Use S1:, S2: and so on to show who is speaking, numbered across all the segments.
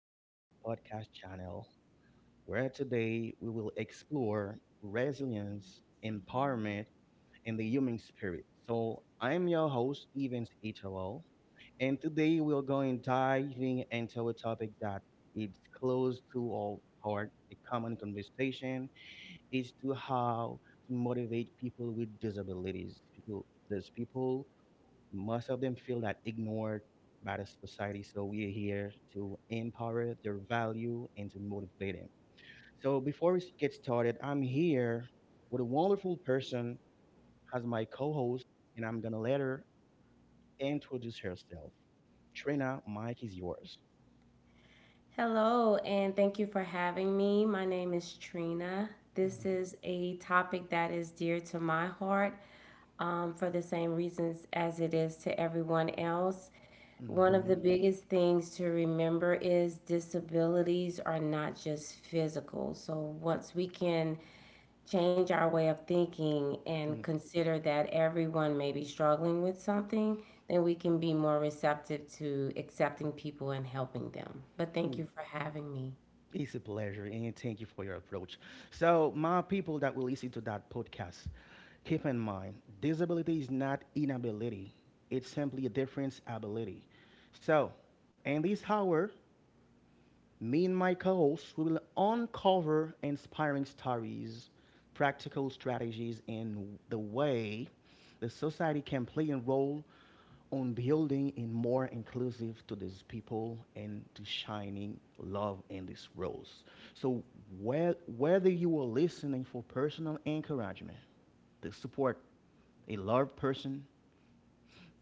S1: to our podcast channel, where today we will explore resilience, empowerment, and the human spirit. So, I'm your host, Evans Italo, and today we're going diving into a topic that is close to our heart. A common conversation is to how to motivate people with disabilities. There's people, most of them feel that ignored by the society, so we are here to empower their value and to motivate them. So before we get started, I'm here with a wonderful person as my co-host, and I'm gonna let her introduce herself. Trina, mike is yours.
S2: Hello, and thank you for having me. My name is Trina. This is a topic that is dear to my heart for the same reasons as it is to everyone else. One of
S1: Mm-hmm.
S2: the biggest things to remember is disabilities are not just physical. So once we can change our way of thinking and consider that everyone may be struggling with something, then we can be more receptive to accepting people and helping them. But thank
S1: Mm-hmm.
S2: you for having me.
S1: It's a pleasure, and thank you for your approach. So, my people that will listen to that podcast, keep in mind, disability is not inability, it's simply a different ability. So, in this hour, me and my co host will uncover inspiring stories, practical strategies, and the way the society can play a role on building and more inclusive to these people and to shining love in these roles. So whether you are listening for personal encouragement, to support a loved person,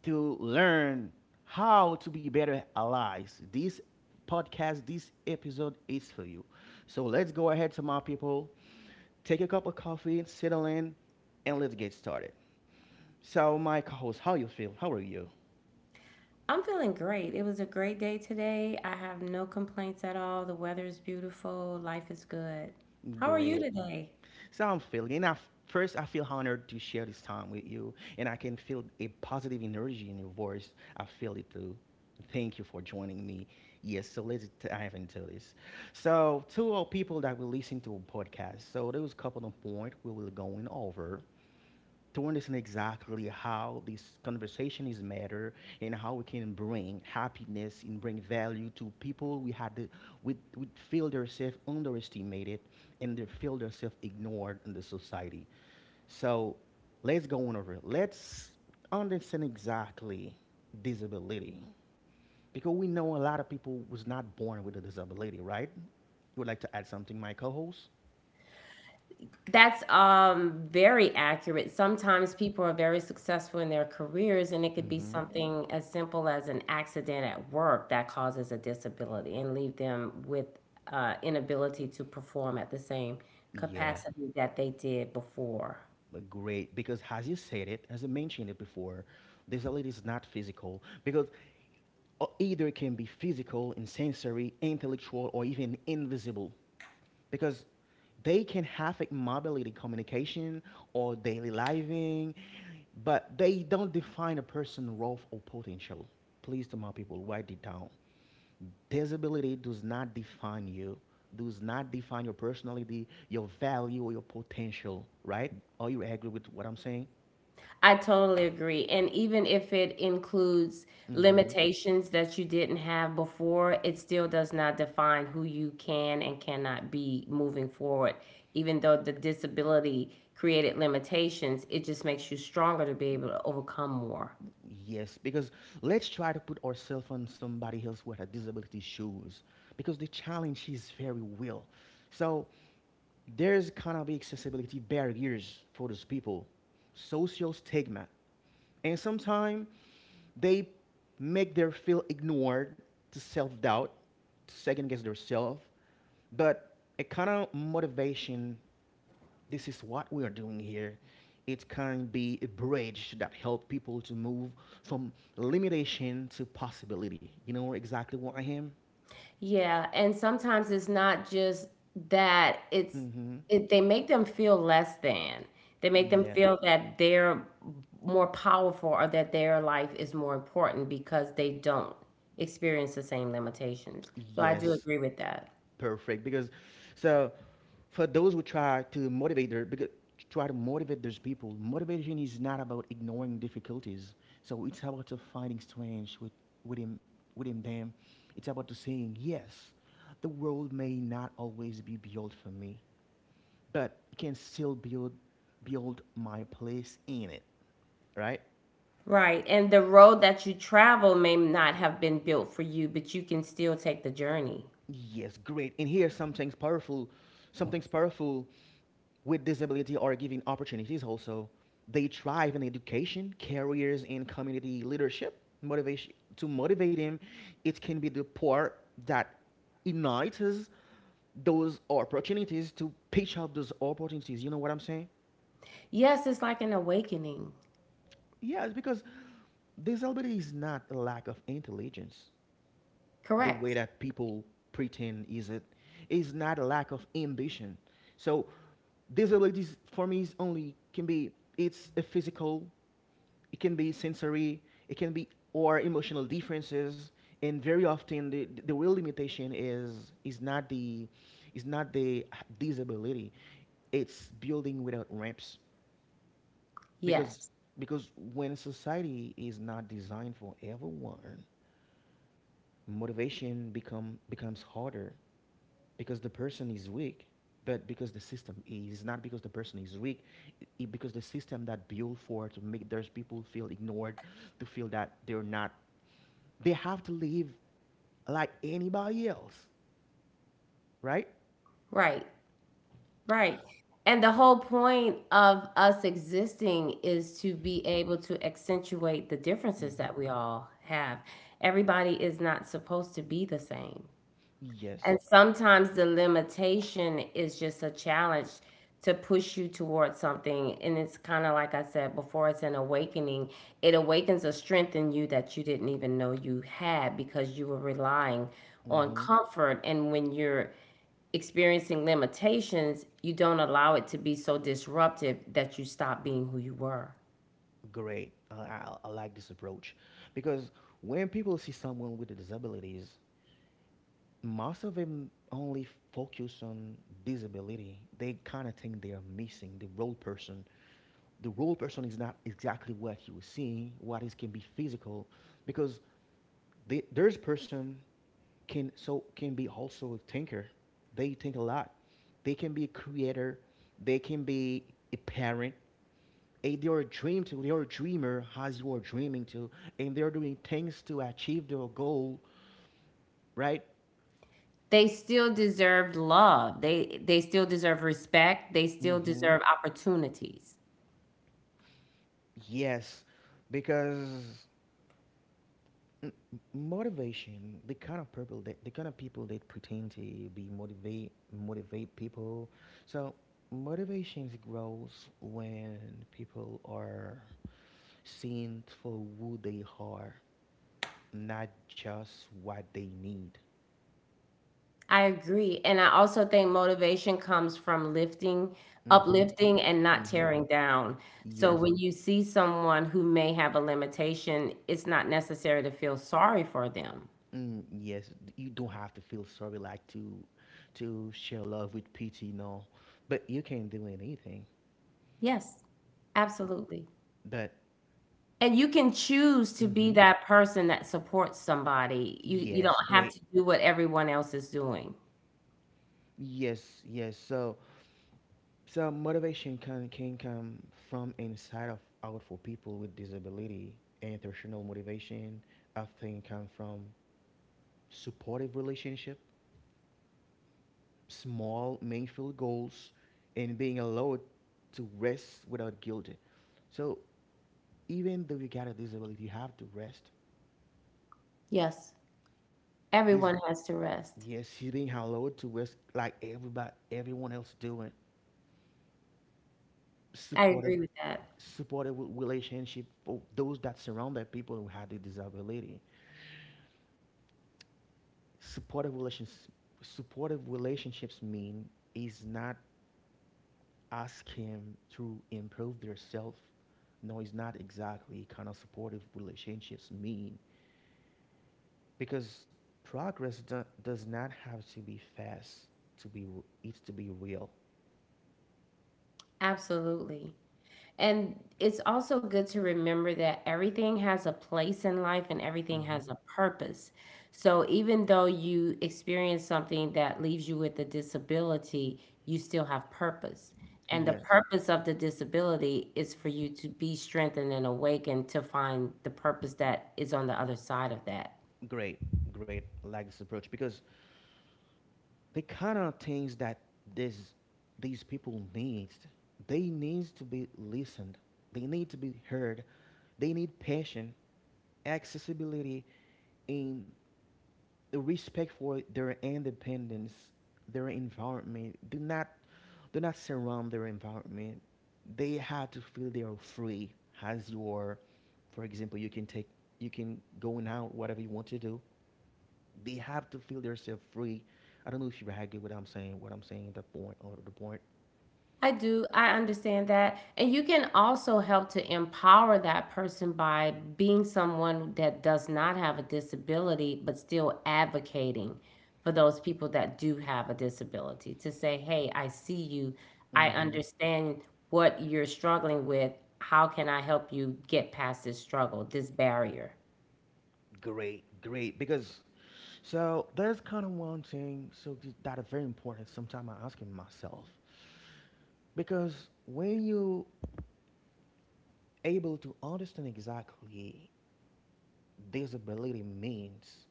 S1: to learn how to be better allies, this episode is for you. So let's go ahead, to my people, take a cup of coffee, settle in, and let's get started. So, my co-host, how you feel? How are you?
S2: I'm feeling great. It was a great day today. I have no complaints at all. The weather is beautiful. Life is good. How are you
S1: Great.
S2: today?
S1: So I'm feeling. I, First, I feel honored to share this time with you, and I can feel a positive energy in your voice. I feel it too. Thank you for joining me. Yes, so let's dive into this. So, to all people that will listen to a podcast, so those couple of points we will going over to understand exactly how this conversation is matter, and how we can bring happiness and bring value to people we feel themselves underestimated, and they feel themselves ignored in the society. So let's go on over let's understand exactly disability, because we know a lot of people was not born with a disability, right? You would like to add something, my co-host?
S2: That's very accurate. Sometimes people are very successful in their careers, and it could be
S1: Mm-hmm.
S2: something as simple as an accident at work that causes a disability and leave them with inability to perform at the same
S1: Yeah,
S2: capacity that they did before.
S1: great. Because, as you said it, as I mentioned it before, this ability is not physical, because either it can be physical and sensory, intellectual, or even invisible, because they can affect mobility, communication, or daily living, but they don't define a person's role or potential. Please, to my people, write it down: disability does not define you, does not define your personality, your value, or your potential, right? Are you agree with what I'm saying?
S2: I totally agree. And even if it includes
S1: Mm-hmm.
S2: limitations that you didn't have before, it still does not define who you can and cannot be moving forward. Even though the disability created limitations, it just makes you stronger to be able to overcome more.
S1: Yes, because let's try to put ourselves on somebody else with a disability shoes, because the challenge is very real. So there's gonna be accessibility barriers for those people, social stigma, and sometimes they make their feel ignored, to self-doubt, to second guess themselves. But a kind of motivation, this is what we are doing here. It can be a bridge that help people to move from limitation to possibility. You know exactly what I am?
S2: Yeah, and sometimes it's not just that it's
S1: Mm-hmm.
S2: it, they make them feel less than. They make them
S1: Yeah.
S2: feel that they're more powerful or that their life is more important because they don't experience the same limitations. So I do
S1: Yes.
S2: agree with that.
S1: Perfect. Because, so, for those who try to motivate their because try to motivate those people, motivation is not about ignoring difficulties. So it's about to finding strength within within them. It's about to saying yes. The world may not always be built for me, but can still build my place in it, right?
S2: Right. And the road that you travel may not have been built for you, but you can still take the journey.
S1: Yes, great. And here's something's powerful. With disability are given opportunities also, they thrive in education, careers, and community leadership. Motivation to motivate them, it can be the part that ignites those opportunities, to pitch out those opportunities. You know what I'm saying?
S2: Yes, it's like an awakening.
S1: Yes, because disability is not a lack of intelligence, the way
S2: Correct.
S1: that people pretend is it, is not a lack of ambition. So disabilities, for me, is only can be, it's a physical, it can be sensory, it can be or emotional differences, and very often the real limitation is not the disability, it's building without ramps.
S2: Yes.
S1: Because because when society is not designed for everyone, motivation becomes harder, because the person is weak, but because the system is not, because the person is weak, because the system that built for to make those people feel ignored, to feel that they're not, they have to live like anybody else, right?
S2: Right. Right. And the whole point of us existing is to be able to accentuate the differences
S1: Hmm.
S2: that we all have. Everybody is not supposed to be the same.
S1: Yes.
S2: And sometimes the limitation is just a challenge to push you towards something. And it's kind of like I said before, it's an awakening. It awakens a strength in you that you didn't even know you had because you were relying on
S1: Hmm.
S2: comfort. And when you're experiencing limitations, you don't allow it to be so disruptive that you stop being who you were.
S1: Great. I like this approach, because when people see someone with disabilities, most of them only focus on disability. They kind of think they are missing the real person. The role person is not exactly what you were seeing, what is can be physical, because there's person can, so can be also a thinker, they think a lot, they can be a creator, they can be a parent, and they're a dreamer, as you are dreaming to, and they're doing things to achieve their goal, right?
S2: They still deserved love. They still deserve respect. They still
S1: Mm-hmm.
S2: deserve opportunities.
S1: Yes, because M- motivation, the kind of people that the kind of people that pretend to be motivate people, so motivation grows when people are seen for who they are, not just what they need.
S2: I agree. And I also think motivation comes from lifting,
S1: Mm-hmm.
S2: uplifting, and not
S1: Mm-hmm.
S2: tearing down. So
S1: Yes.
S2: when you see someone who may have a limitation, it's not necessary to feel sorry for them.
S1: Mm, yes, you don't have to feel sorry, like, to share love with pity, no, but you can not do anything,
S2: Yes, absolutely.
S1: but
S2: And you can choose to be
S1: mm-hmm,
S2: that person that supports somebody. You don't
S1: yes,
S2: have
S1: great.
S2: to do what everyone else is doing.
S1: Yes, yes. So, motivation can come from inside of out for people with disability. International motivation often come from supportive relationship, small meaningful goals, and being allowed to rest without guilt. So, even though you got a disability, you have to rest.
S2: Yes.
S1: Is
S2: Everyone has to rest.
S1: Yes, he's being allowed to rest like everyone else doing.
S2: I
S1: Supportive
S2: agree with that.
S1: supportive relationship for those that surround their people who had the disability. Supportive relations, Supportive relationships mean is not ask him to improve their self. No, it's not exactly kind of supportive relationships mean, because progress does not have to be fast to be it's to be real.
S2: Absolutely. And it's also good to remember that everything has a place in life and everything has
S1: Hmm.
S2: a purpose. So even though you experience something that leaves you with a disability, you still have purpose. And the
S1: Yes,
S2: purpose of the disability is for you to be strengthened and awakened to find the purpose that is on the other side of that.
S1: great, great. I like this approach, because the kind of things that this these people needs, they needs to be listened, they need to be heard, they need passion, accessibility, and respect for their independence. Their environment do not, surround their environment, they have to feel they are free, as you are. For example, you can going out whatever you want to do, they have to feel themselves free. I don't know if you agree with what I'm saying, the point, or the point.
S2: I do. I understand that. And you can also help to empower that person by being someone that does not have a disability, but still advocating for those people that do have a disability to say, hey, I see you. I
S1: Mm-hmm.
S2: understand what you're struggling with. How can I help you get past this struggle, this barrier?
S1: Great, great. Because, so there's kind of one thing, so that is very important. Sometimes I asking myself, because when you able to understand exactly disability means,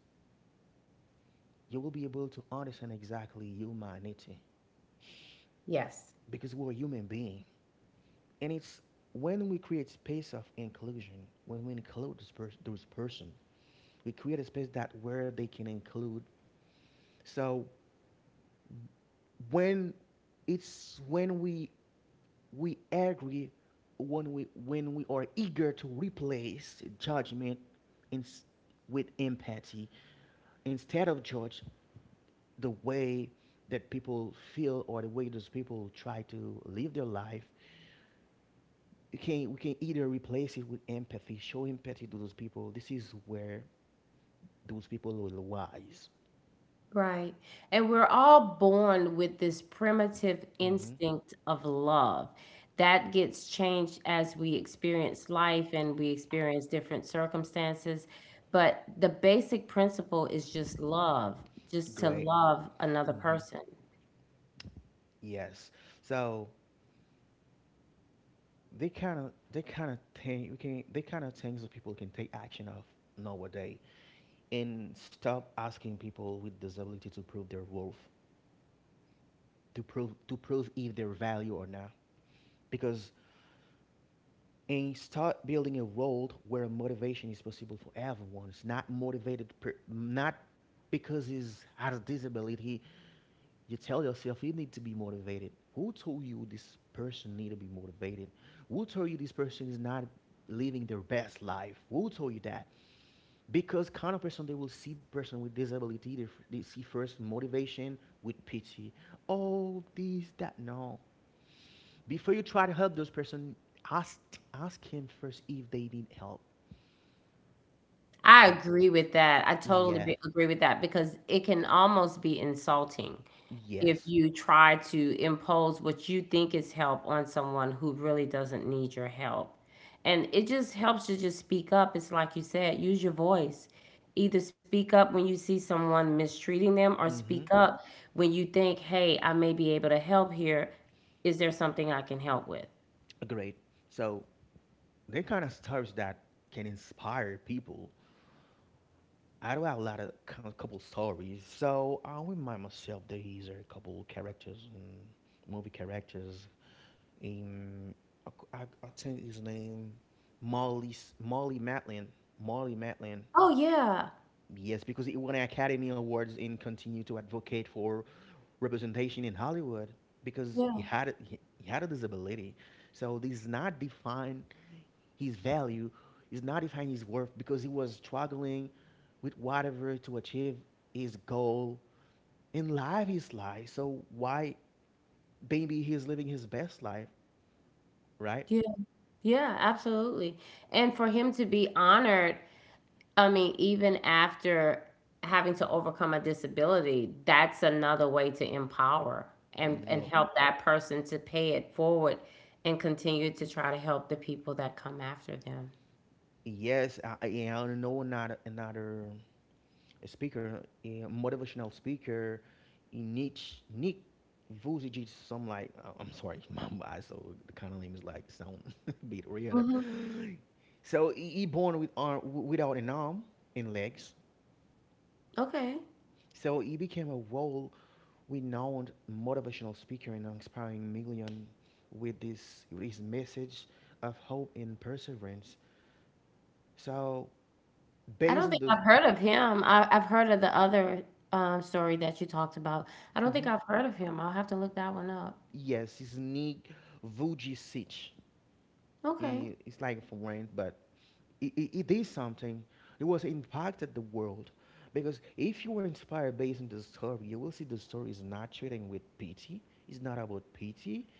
S1: you will be able to understand exactly humanity,
S2: Yes.
S1: because we're human being, and it's, when we create space of inclusion, when we include this person, those person, we create a space that where they can include. So when, it's when we agree, when we are eager to replace judgment in, with empathy, instead of judge the way that people feel, or the way those people try to live their life, you can we can either replace it with empathy, show empathy to those people. This is where those people will rise.
S2: Right. And we're all born with this primitive
S1: Hmm,
S2: instinct of love that gets changed as we experience life and we experience different circumstances. But the basic principle is just love, just to
S1: great.
S2: love another
S1: Hmm.
S2: person.
S1: Yes. So they kind of, they kind of think we can they kind of things that people can take action of nowadays, and stop asking people with disability to prove their worth, to prove if they're value or not. Because, and start building a world where motivation is possible for everyone. It's not motivated not because he's has a disability you tell yourself you need to be motivated. Who told you this person need to be motivated? Who told you this person is not living their best life? Who told you that? Because kind of person they will see person with disability, they see first motivation with pity. Oh, this, that, no. Before you try to help those person, ask ask him first if they need help.
S2: I
S1: And
S2: agree with that. I totally
S1: yeah,
S2: be agree with that because it can almost be insulting if
S1: yes,
S2: you try to impose what you think is help on someone who really doesn't need your help. And it just helps to just speak up. It's like you said, use your voice. Either speak up when you see someone mistreating them or speak
S1: mm-hmm,
S2: up when you think, hey, I may be able to help here. Is there something I can help with?
S1: great. So they kind of stories that can inspire people. I do have a lot of kind couple stories. So I remind myself that these are a couple characters, movie characters. Um, I think his name, Molly Matlin. Molly Matlin.
S2: Oh, yeah.
S1: Yes, because he won Academy Awards and continued to advocate for representation in Hollywood, because he
S2: Yeah.
S1: he had a disability. So this is not defined his value, is not defining his worth, because he was struggling with whatever to achieve his goal in life, so why, maybe he's living his best life, right?
S2: Yeah. Yeah, absolutely. And for him to be honored, I mean, even after having to overcome a disability, that's another way to empower and
S1: Yeah.
S2: help that person to pay it forward and continue to try to help the people that come after them.
S1: Yes, I yeah, know another speaker, a motivational speaker, in niche nick Vucic is some like, I'm sorry, my I so the kind of name is like sound a bit weird.
S2: Hmm.
S1: So he born with arm without an arm and legs.
S2: Okay.
S1: So he became a world-renowned motivational speaker and inspiring millions with his message of hope and perseverance. So
S2: I
S1: based
S2: don't
S1: on
S2: think
S1: this,
S2: I've heard of him. I've heard of the other story that you talked about. I don't think
S1: mhm,
S2: I've heard of him. I'll have to look that one up.
S1: yes, his Nick Vujicic.
S2: Okay.
S1: He, it's like from rent, but he did something. It was impacted the world. Because if you were inspired based on the story, you will see the story is not treating with pity. It's not about pity.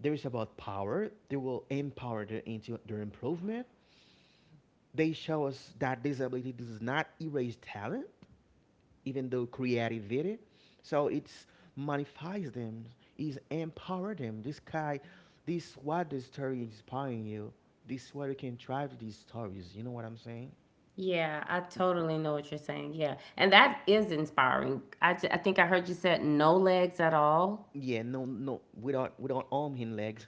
S1: There is about power. They will empower their into their improvement. They show us that disability does not erase talent, even though creativity. So it's magnifies them, is empower them. This guy, this what the story inspiring you. This what you can try to these stories. You know what I'm saying?
S2: Yeah, I totally know what you're saying. Yeah. And that is inspiring. I think I heard you said no legs at all
S1: Yeah, no, no, without arm and legs,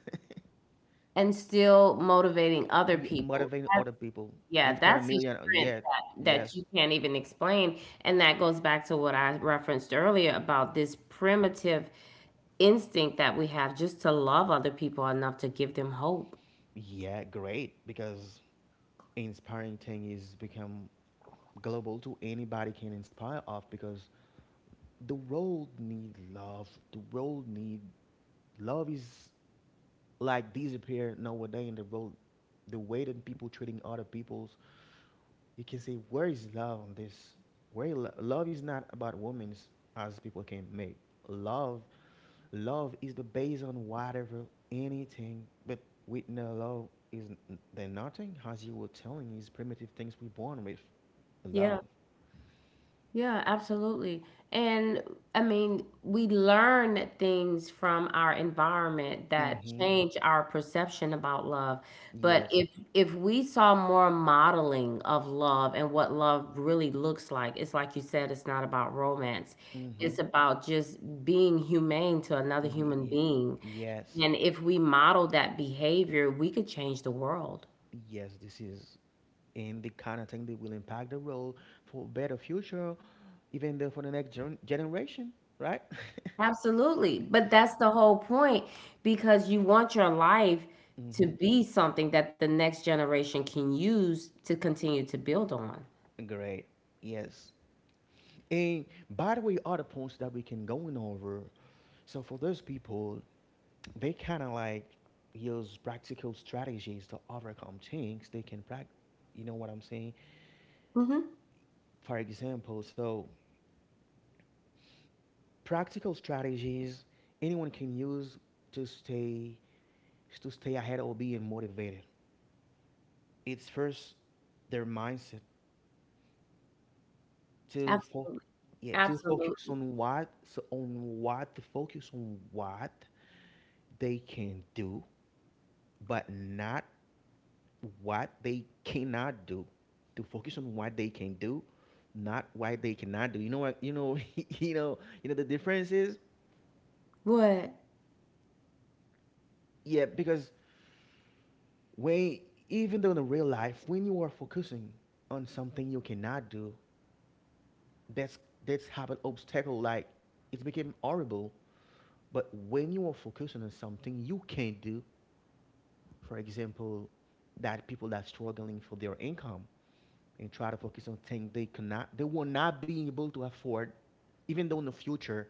S2: and still motivating other
S1: yeah,
S2: people.
S1: motivating
S2: That's,
S1: other people,
S2: yeah, that's
S1: inspiring
S2: a
S1: million.
S2: strength
S1: Yeah,
S2: that
S1: yes,
S2: you can't even explain. And that goes back to what I referenced earlier about this primitive instinct that we have just to love other people enough to give them hope.
S1: yeah, great because inspiring thing is become global to anybody can inspire of because the world need love, the world need love is like disappear nowadays in the world, the way that people treating other peoples, you can say where is love on this, where love is not about women's as people can make love. Love is the base on whatever anything, but with no love is then nothing as you were telling is primitive things we born with
S2: Yeah.
S1: love.
S2: Yeah, absolutely. And I mean, we learn things from our environment that
S1: Mm-hmm.
S2: change our perception about love. But
S1: Yes.
S2: if we saw more modeling of love and what love really looks like, it's like you said, it's not about romance.
S1: Mm-hmm.
S2: It's about just being humane to another human
S1: Y-
S2: being.
S1: Yes.
S2: And if we model that behavior, we could change the world.
S1: Yes. This is and the kind of thing that will impact the world for better future, even though for the next generation, right?
S2: Absolutely. But that's the whole point because you want your life to
S1: Mm-hmm.
S2: be something that the next generation can use to continue to build on.
S1: Great. Yes. And by the way, other points that we can going over. So for those people, they kind of like use practical strategies to overcome things. They can practice. You know what I'm saying?
S2: Hmm.
S1: For example, so practical strategies anyone can use to stay to stay ahead or being motivated. It's first their mindset to fo-
S2: Absolutely.
S1: yeah, to focus
S2: Absolutely.
S1: on what so on what to focus on what they can do, but not what they cannot do. To focus on what they can do, not what they cannot do. You know what? You know you know the difference is,
S2: What?
S1: yeah, because when even though in the real life when you are focusing on something you cannot do, that's that's have an obstacle, like it became horrible. But when you are focusing on something you can do, for example, that people that struggling for their income and try to focus on things they cannot, they will not be able to afford even though in the future,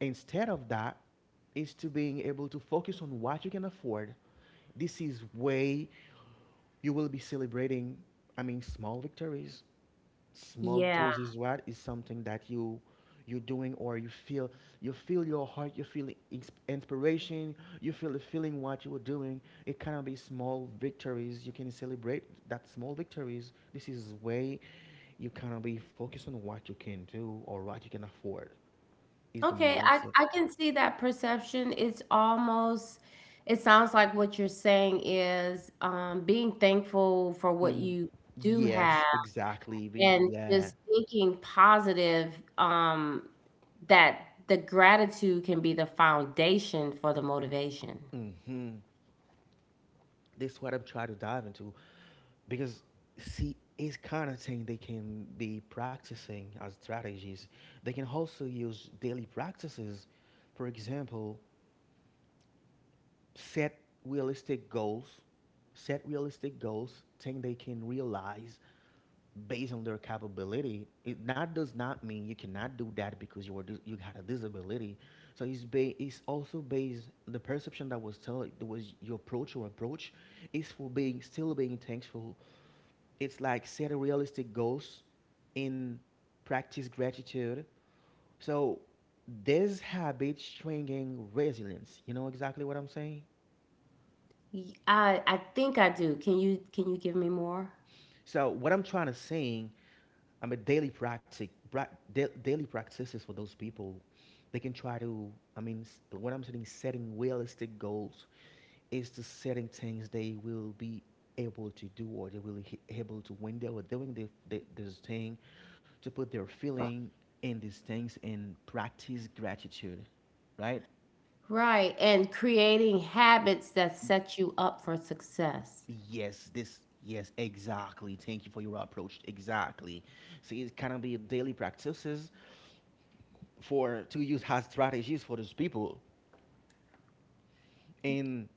S1: instead of that is to being able to focus on what you can afford. This is way you will be celebrating, I mean, small victories. Small
S2: Yeah.
S1: victories is what is something that you're doing or you feel, you feel your heart, you feel inspiration, you feel the feeling what you were doing it cannot be small victories, you can celebrate that small victories. This is way you cannot be focused on what you can do or what you can afford. Is the
S2: Okay, I,
S1: mindset.
S2: I can see that perception. It's almost, it sounds like what you're saying is being thankful for what
S1: Mm,
S2: you do have
S1: yes, exactly
S2: and
S1: yeah.
S2: just thinking positive, um that the gratitude can be the foundation for the motivation.
S1: Hmm, this is what I'm trying to dive into because see it's kind of thing they can be practicing as strategies, they can also use daily practices. For example, set realistic goals, set realistic goals thing they can realize based on their capability. It not does not mean you cannot do that because you are you had a disability. So it's it's also based the perception that was tell that was your approach or approach is for being still being thankful. It's like set realistic goals and practice gratitude. So this habit strengthening resilience. You know exactly what I'm saying?
S2: I think I do. Can you give me more?
S1: So what I'm trying to saying, I mean, daily practice, daily practices for those people, they can try to. I mean, what I'm saying, setting realistic goals, is to setting things they will be able to do, or they will be able to when they were doing this thing, to put their feeling in these things and practice gratitude, right?
S2: Right, and creating habits that set you up for success.
S1: Yes, this. Yes, exactly. Thank you for your approach. Exactly. So it can be daily practices for to use as strategies for those people and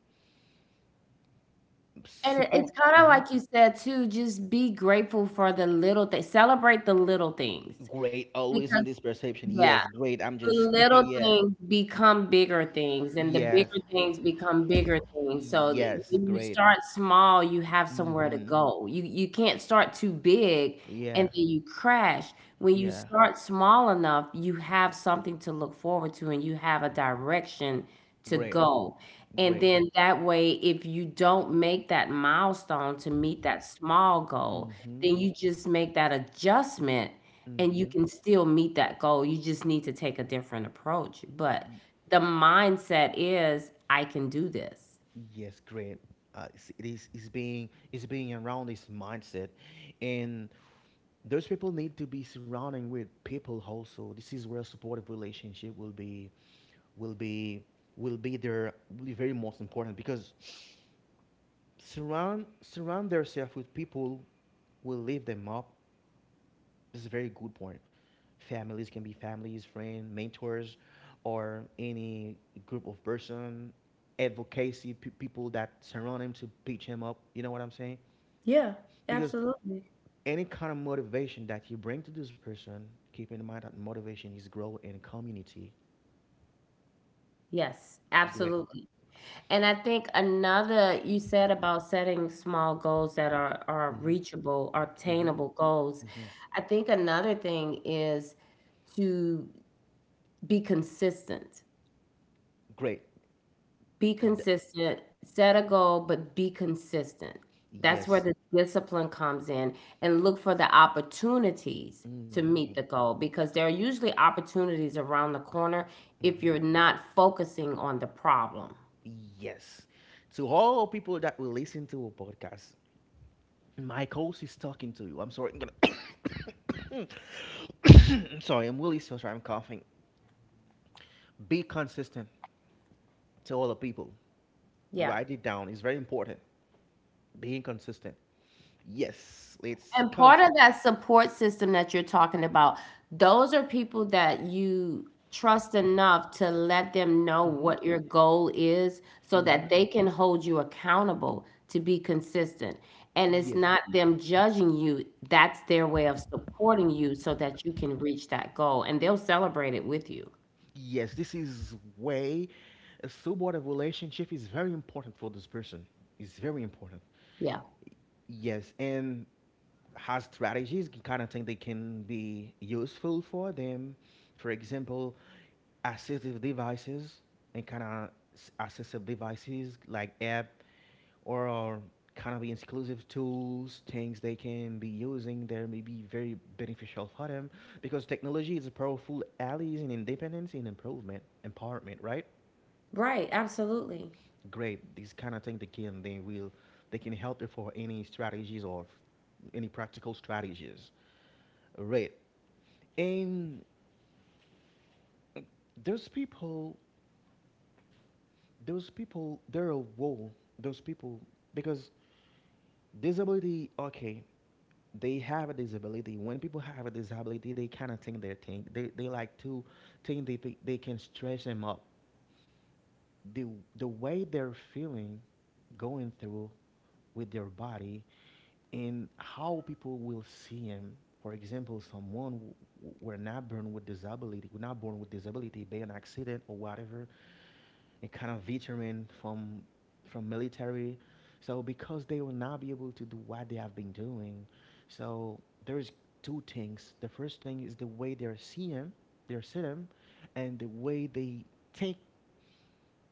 S2: And it's
S1: support.
S2: kind of
S1: Mhm.
S2: like you said too, just be grateful for the little things, celebrate the little things,
S1: Great, always in
S2: because
S1: this perception.
S2: yeah,
S1: Yes, great. I'm
S2: the
S1: just
S2: little
S1: yeah,
S2: things become bigger things and the
S1: yes,
S2: bigger things become bigger things.
S1: yes,
S2: When you
S1: great.
S2: start small you have somewhere to
S1: Mm-hmm.
S2: go. You can't start too big and
S1: Yeah,
S2: then you crash. When you
S1: yeah,
S2: start small enough you have something to look forward to and you have a direction to
S1: great,
S2: go. And
S1: great.
S2: then that way if you don't make that milestone to meet that small goal,
S1: Mm-hmm.
S2: then you just make that adjustment and you
S1: Mm-hmm.
S2: can still meet that goal. You just need to take a different approach. But the mindset is, I can do this.
S1: Yes, great. It is being around this mindset, and those people need to be surrounding with people also. This is where supportive relationship will be will be their will be very most important because surround yourself with people will lift them up. This is a very good point. Families can be families, friends, mentors, or any group of person, advocacy people that surround him to pitch him up. You know what I'm saying?
S2: Yeah,
S1: Because
S2: absolutely.
S1: any kind of motivation that you bring to this person, keep in mind that motivation is grow in community.
S2: Yes,
S1: Great.
S2: absolutely. And I think another you said about setting small goals that are
S1: Hmm.
S2: reachable, are
S1: Hmm.
S2: obtainable goals.
S1: Hmm.
S2: I think another thing is to be consistent.
S1: Great.
S2: Be
S1: Th-
S2: consistent, set a goal, but be consistent. That's where
S1: yes,
S2: the discipline comes in, and look for the opportunities to
S1: hmm,
S2: meet the goal because there are usually opportunities around the corner if
S1: hmm.
S2: you're not focusing on the problem.
S1: Yes. To all people that will listen to a podcast, my host is talking to you. I'm sorry. I'm gonna I'm sorry. I'm really so sorry. I'm coughing. Be consistent to all the people.
S2: Yeah.
S1: Write it down. It's very important. Being consistent. Yes. It's
S2: And part of
S1: constant.
S2: that support system that you're talking about, those are people that you trust enough to let them know
S1: Hmm.
S2: what your goal is so that
S1: Hmm.
S2: they can hold you accountable to be consistent. And it's
S1: Yes.
S2: not them judging you, that's their way of supporting you so that you can reach that goal and they'll celebrate it with you.
S1: Yes. This is way a supportive relationship is very important for this person. It's very important.
S2: Yeah.
S1: Yes. And has strategies, kind of thing they can be useful for them. For example, assistive devices and kind of assistive devices like app or kind of exclusive tools, things they can be using there may be very beneficial for them because technology is a powerful ally in independence and improvement, empowerment, right?
S2: Right, absolutely.
S1: Great. These kind of things they can they will they can help you for any strategies or any practical strategies, right? And those people, those people, they're a wall. Those people because disability, okay, they have a disability. When people have a disability, they kind of think they think they like to think they they can stress them up. The the way they're feeling, going through with their body in how people will see him. For example, someone were not born with disability by an accident or whatever, and kind of veteran from military. So because they will not be able to do what they have been doing, so there's two things. The first thing is the way they're seeing him, and the way they think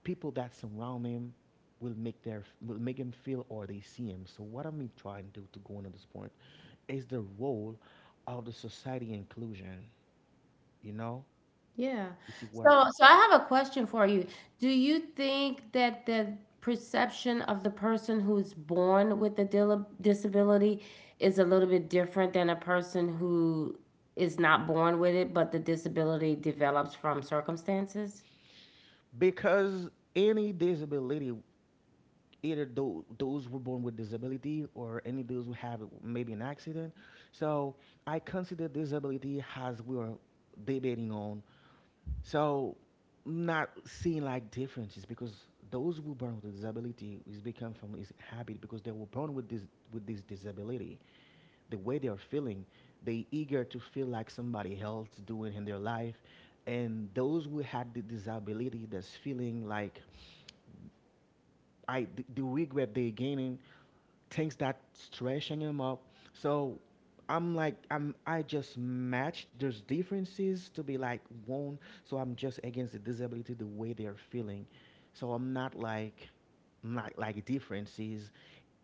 S1: people that surround him will make their will make him feel or they see him. So what am I trying to do to go into this point? Is the role of the society inclusion. You know,
S2: Yeah.
S1: you see what?
S2: So so I have a question for you. Do you think that the perception of the person who's born with a disability is a little bit different than a person who is not born with it, but the disability develops from circumstances?
S1: Because any disability, either those who were born with disability or any those who have maybe an accident, so I consider disability as we are debating on. So not seeing like differences because those who born with a disability is become from is habit because they were born with this disability. The way they are feeling, they eager to feel like somebody else doing in their life. And those who had the disability that's feeling like I the regret they're gaining, things that stressing them up. So I'm like I just match those differences to be like one. So I'm just against the disability the way they are feeling. So I'm not like not like differences.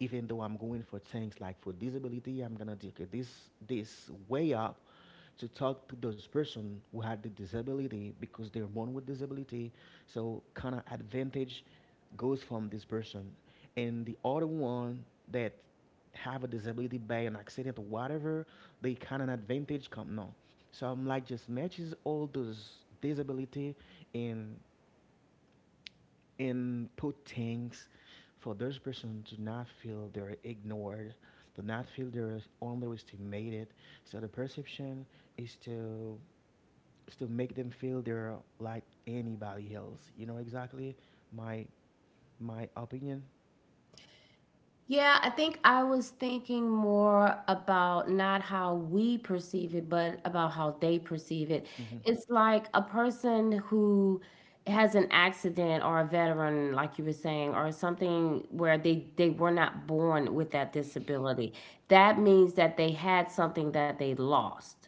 S1: Even though I'm going for things like for disability, I'm gonna take it this way up to talk to those person who had the disability because they're born with disability. So kind of advantage goes from this person, and the other one that have a disability by an accident or whatever, they kind of advantage come no. So I'm like just matches all those disability and put things for those person to not feel they're ignored, to not feel they're underestimated. So the perception is to make them feel they're like anybody else. You know exactly my my opinion.
S2: Yeah, I think I was thinking more about not how we perceive it, but about how they perceive it.
S1: Mhm.
S2: It's like a person who has an accident or a veteran, like you were saying, or something where they were not born with that disability. That means that they had something that they lost.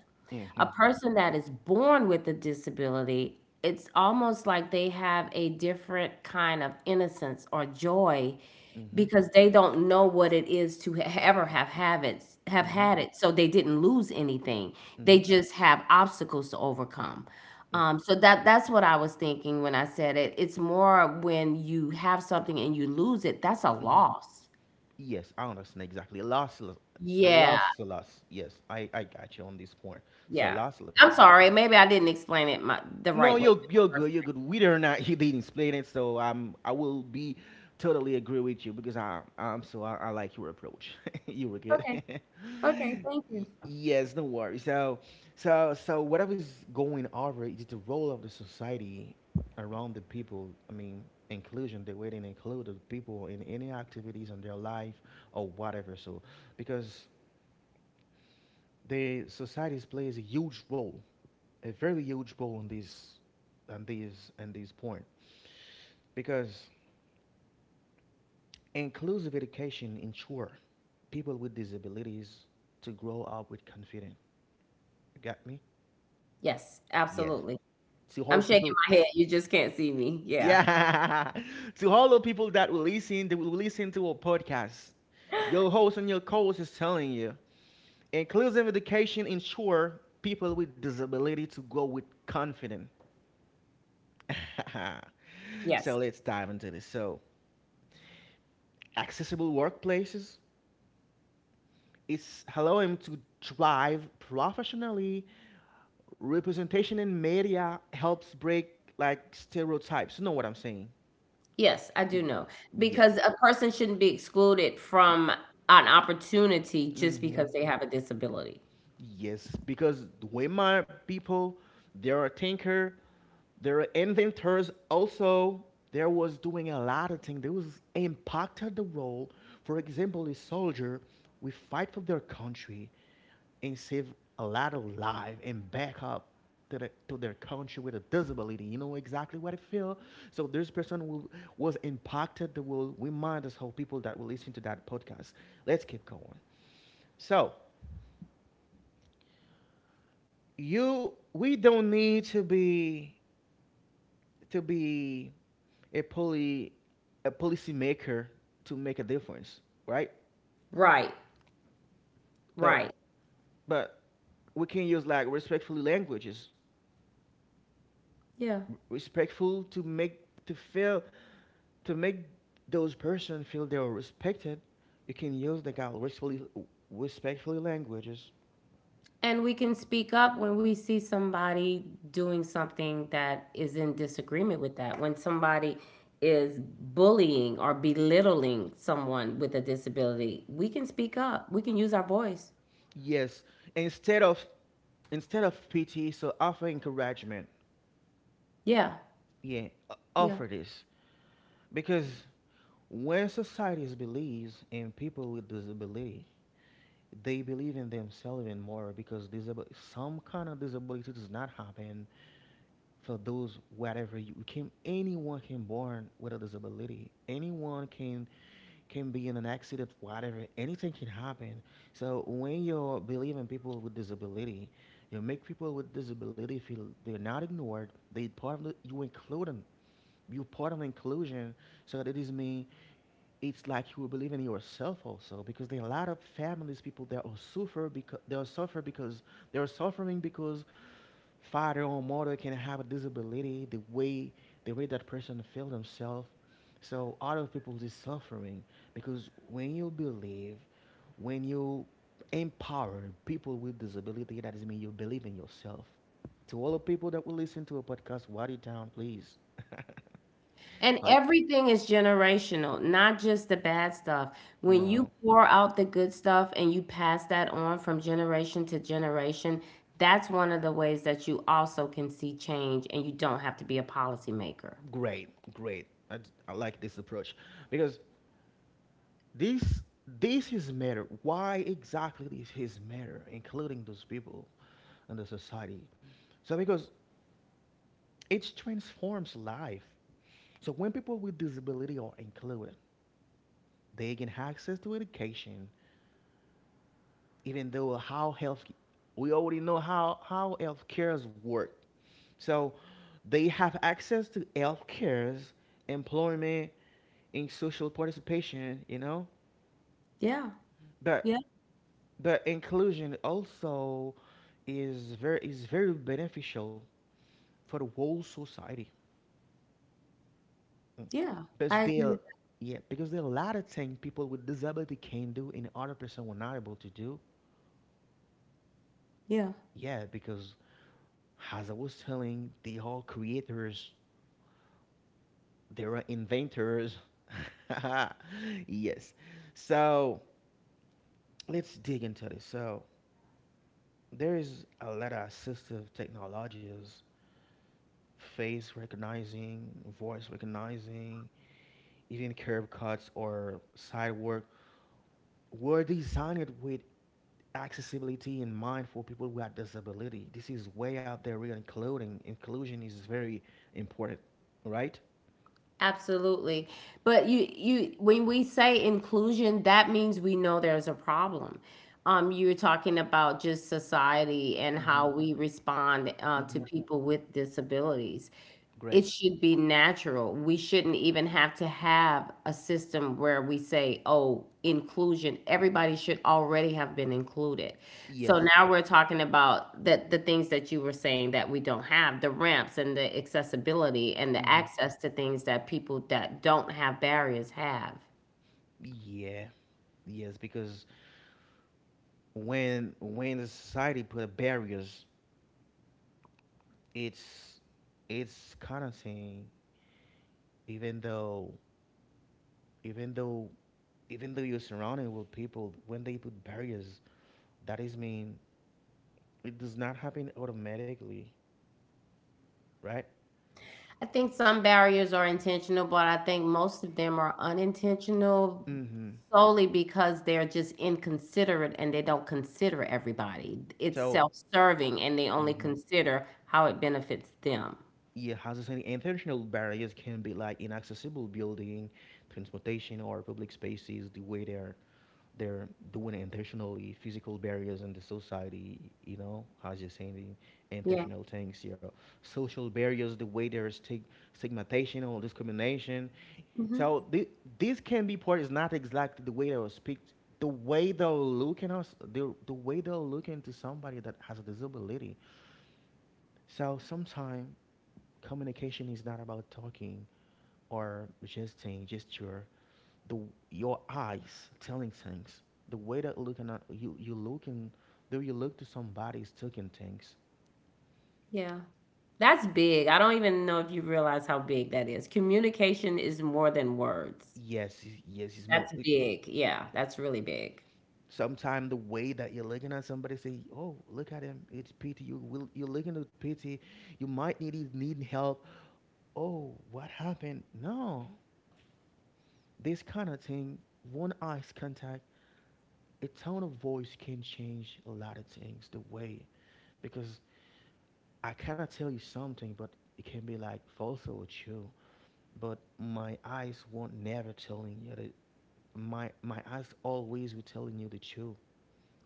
S2: A
S1: Mhm.
S2: person that is born with a disability, it's almost like they have a different kind of innocence or joy
S1: Mhm.
S2: because they don't know what it is to ever have it, have
S1: Mhm.
S2: had it. So they didn't lose anything. They
S1: Mhm.
S2: just have obstacles to overcome.
S1: Like.
S2: So that that's what I was thinking when I said it. It's more when you have something and you lose it. That's a
S1: Mhm.
S2: loss.
S1: Yes, I understand exactly. Loss,
S2: Yeah,
S1: loss, loss, yes, I got you on this point. So
S2: yeah.
S1: loss, loss.
S2: I'm sorry. Maybe I didn't explain it the
S1: No,
S2: right way.
S1: you're good. You're good. We are not. He didn't explain it, so I'm. I will be totally agree with you because I I'm so I like your approach. You were good.
S2: Okay. Okay. Thank you.
S1: Yes, no worry. So so whatever is going over is the role of the society around the people. I mean, inclusion. The way they include the people in any activities in their life or whatever. So because the societies plays a huge role, a very huge role on this and this point because inclusive education ensure people with disabilities to grow up with confidence. You got me?
S2: Yes,
S1: Yes.
S2: absolutely.
S1: To
S2: I'm
S1: hold
S2: shaking
S1: people.
S2: my head. You just can't see me. Yeah.
S1: Yeah. To all the people that will listen to our podcast. Your host and your co-host is telling you inclusive education ensure people with disability to grow with confidence. So
S2: Yes.
S1: let's dive into this. So accessible workplaces, is allow him to drive professionally. Representation in media helps break like stereotypes. You know what I'm saying?
S2: Yes, I do know.
S1: Yeah.
S2: Because a person shouldn't be excluded from an opportunity just
S1: Hmm.
S2: because they have a disability.
S1: Yes, because the Weimar people, they are thinker, they are inventors. Also, there was doing a lot of things. There was impacted the role. For example, a soldier, we fight for their country and save a lot of life and back up to, the, to their country with a disability. You know exactly what I feel. So this person will, was impacted. That will remind us how people that will listen to that podcast. Let's keep going. So you we don't need to be to be a poli a policy maker to make a difference, right?
S2: Right,
S1: But
S2: right.
S1: but we can use like respectful languages,
S2: Yeah.
S1: respectful to make to feel to make those person feel they are respected. You can use the kind of respectfully respectfully languages.
S2: And we can speak up when we see somebody doing something that is in disagreement with that. When somebody is bullying or belittling someone with a disability, we can speak up. We can use our voice.
S1: Yes, instead of instead of pity, so offer encouragement.
S2: Yeah.
S1: Yeah,
S2: Yeah.
S1: offer this because when societies believes in people with disability, they believe in themselves even more because some kind of disability does not happen for those whatever you can. Anyone can born with a disability. Anyone can be in an accident, whatever. Anything can happen. So when you believe in people with disability, you make people with disability feel they're not ignored. They part of the, you include them. You part of inclusion. So that it is me it's like you will believe in yourself also because there are a lot of families people that are suffer because they are suffer because they are suffering because father or mother can have a disability the way that person feel themselves so other people is suffering because when you believe when you empower people with disability that is mean you believe in yourself to all the people that will listen to a podcast write it down please
S2: And
S1: like
S2: everything is generational, not just the bad stuff. When you
S1: no.
S2: pour out the good stuff and you pass that on from generation to generation, that's one of the ways that you also can see change and you don't have to be a policymaker.
S1: Great, great. I, I like this approach because this this is matter. Why exactly this is matter, including those people and the society? So because it transforms life. So when people with disability are included, they gain access to education, even though how health we already know how health cares work. So they have access to health cares, employment, in social participation, you know.
S2: Yeah.
S1: But
S2: Yeah.
S1: but inclusion also is very beneficial for the whole society. Mm.
S2: Yeah,
S1: Because
S2: I
S1: they
S2: agree with that.
S1: yeah, because there are a lot of things people with disability can do and other person were not able to do.
S2: Yeah.
S1: Yeah, because as I was telling, they are creators, they are inventors. yes. So let's dig into this. So there is a lot of assistive technologies face recognizing, voice recognizing, even curb cuts or side work were designed with accessibility in mind for people with disability. This is way out there. We're including inclusion is very important, right?
S2: Absolutely. But you when we say inclusion, that means we know there's a problem. You're talking about just society and
S1: Mm-hmm.
S2: how we respond to
S1: Mm-hmm.
S2: people with disabilities. It
S1: Great.
S2: should be natural. We shouldn't even have to have a system where we say, oh, inclusion. Everybody should already have been included. So
S1: Yes.
S2: now we're talking about the things that you were saying that we don't have, the ramps and the accessibility and the
S1: Mm-hmm.
S2: access to things that people that don't have barriers have.
S1: Yeah. Yes, because when the society put barriers, it's it's kind of thing. Even though even though even though you're surrounded with people, when they put barriers, that is mean it does not happen automatically, right?
S2: I think some barriers are intentional, but I think most of them are unintentional
S1: Mm-hmm.
S2: solely because they're just inconsiderate and they don't consider everybody. It's
S1: So,
S2: self-serving and they only
S1: mm-hmm,
S2: consider how it benefits them.
S1: yeah, as I said, intentional barriers can be like inaccessible building, transportation, or public spaces. The way they're doing it intentionally, physical barriers in the society, you know, as you're saying, the
S2: Yeah.
S1: intentional things, you know, social barriers, the way there's stigmatization or discrimination.
S2: Hmm.
S1: So the, this candy part is not exactly the way they will speak, the way they'll look at us, the way they'll look into somebody that has a disability. So sometimes communication is not about talking or gesting, gesture. The your eyes telling things, the way that looking at you, you looking, the way you look to somebody is talking things.
S2: Yeah. That's big. I don't even know if you realize how big that is. Communication is more than words.
S1: Yes, yes, it's more.
S2: That's big. Yeah, that's really big.
S1: Sometimes the way that you're looking at somebody, say, "Oh, look at him, it's pity." You will, you're looking at pity. You might need help. Oh, what happened? No, this kind of thing. One eyes contact, a tone of voice can change a lot of things. The way because I cannot tell you something, but it can be like false or true. But my eyes won't never telling you that. My eyes always will telling you the truth.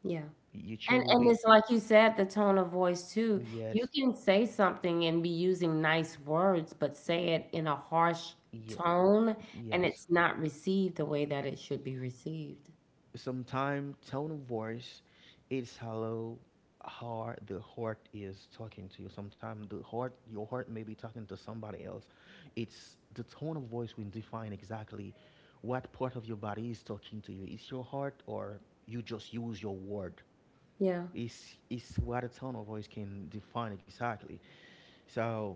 S2: Yeah.
S1: Your
S2: And
S1: truth will be
S2: it's like you said, the tone of voice too. You
S1: yes,
S2: can say something and be using nice words, but say it in a harsh
S1: yeah,
S2: tone and
S1: yes.
S2: it's not received the way that it should be received.
S1: Sometimes tone of voice is hello, heart. The heart is talking to you. Sometimes the heart, your heart may be talking to somebody else. It's the tone of voice will define exactly what part of your body is talking to you. It's your heart, or you just use your word.
S2: Yeah.
S1: It's what a tone of voice can define exactly. So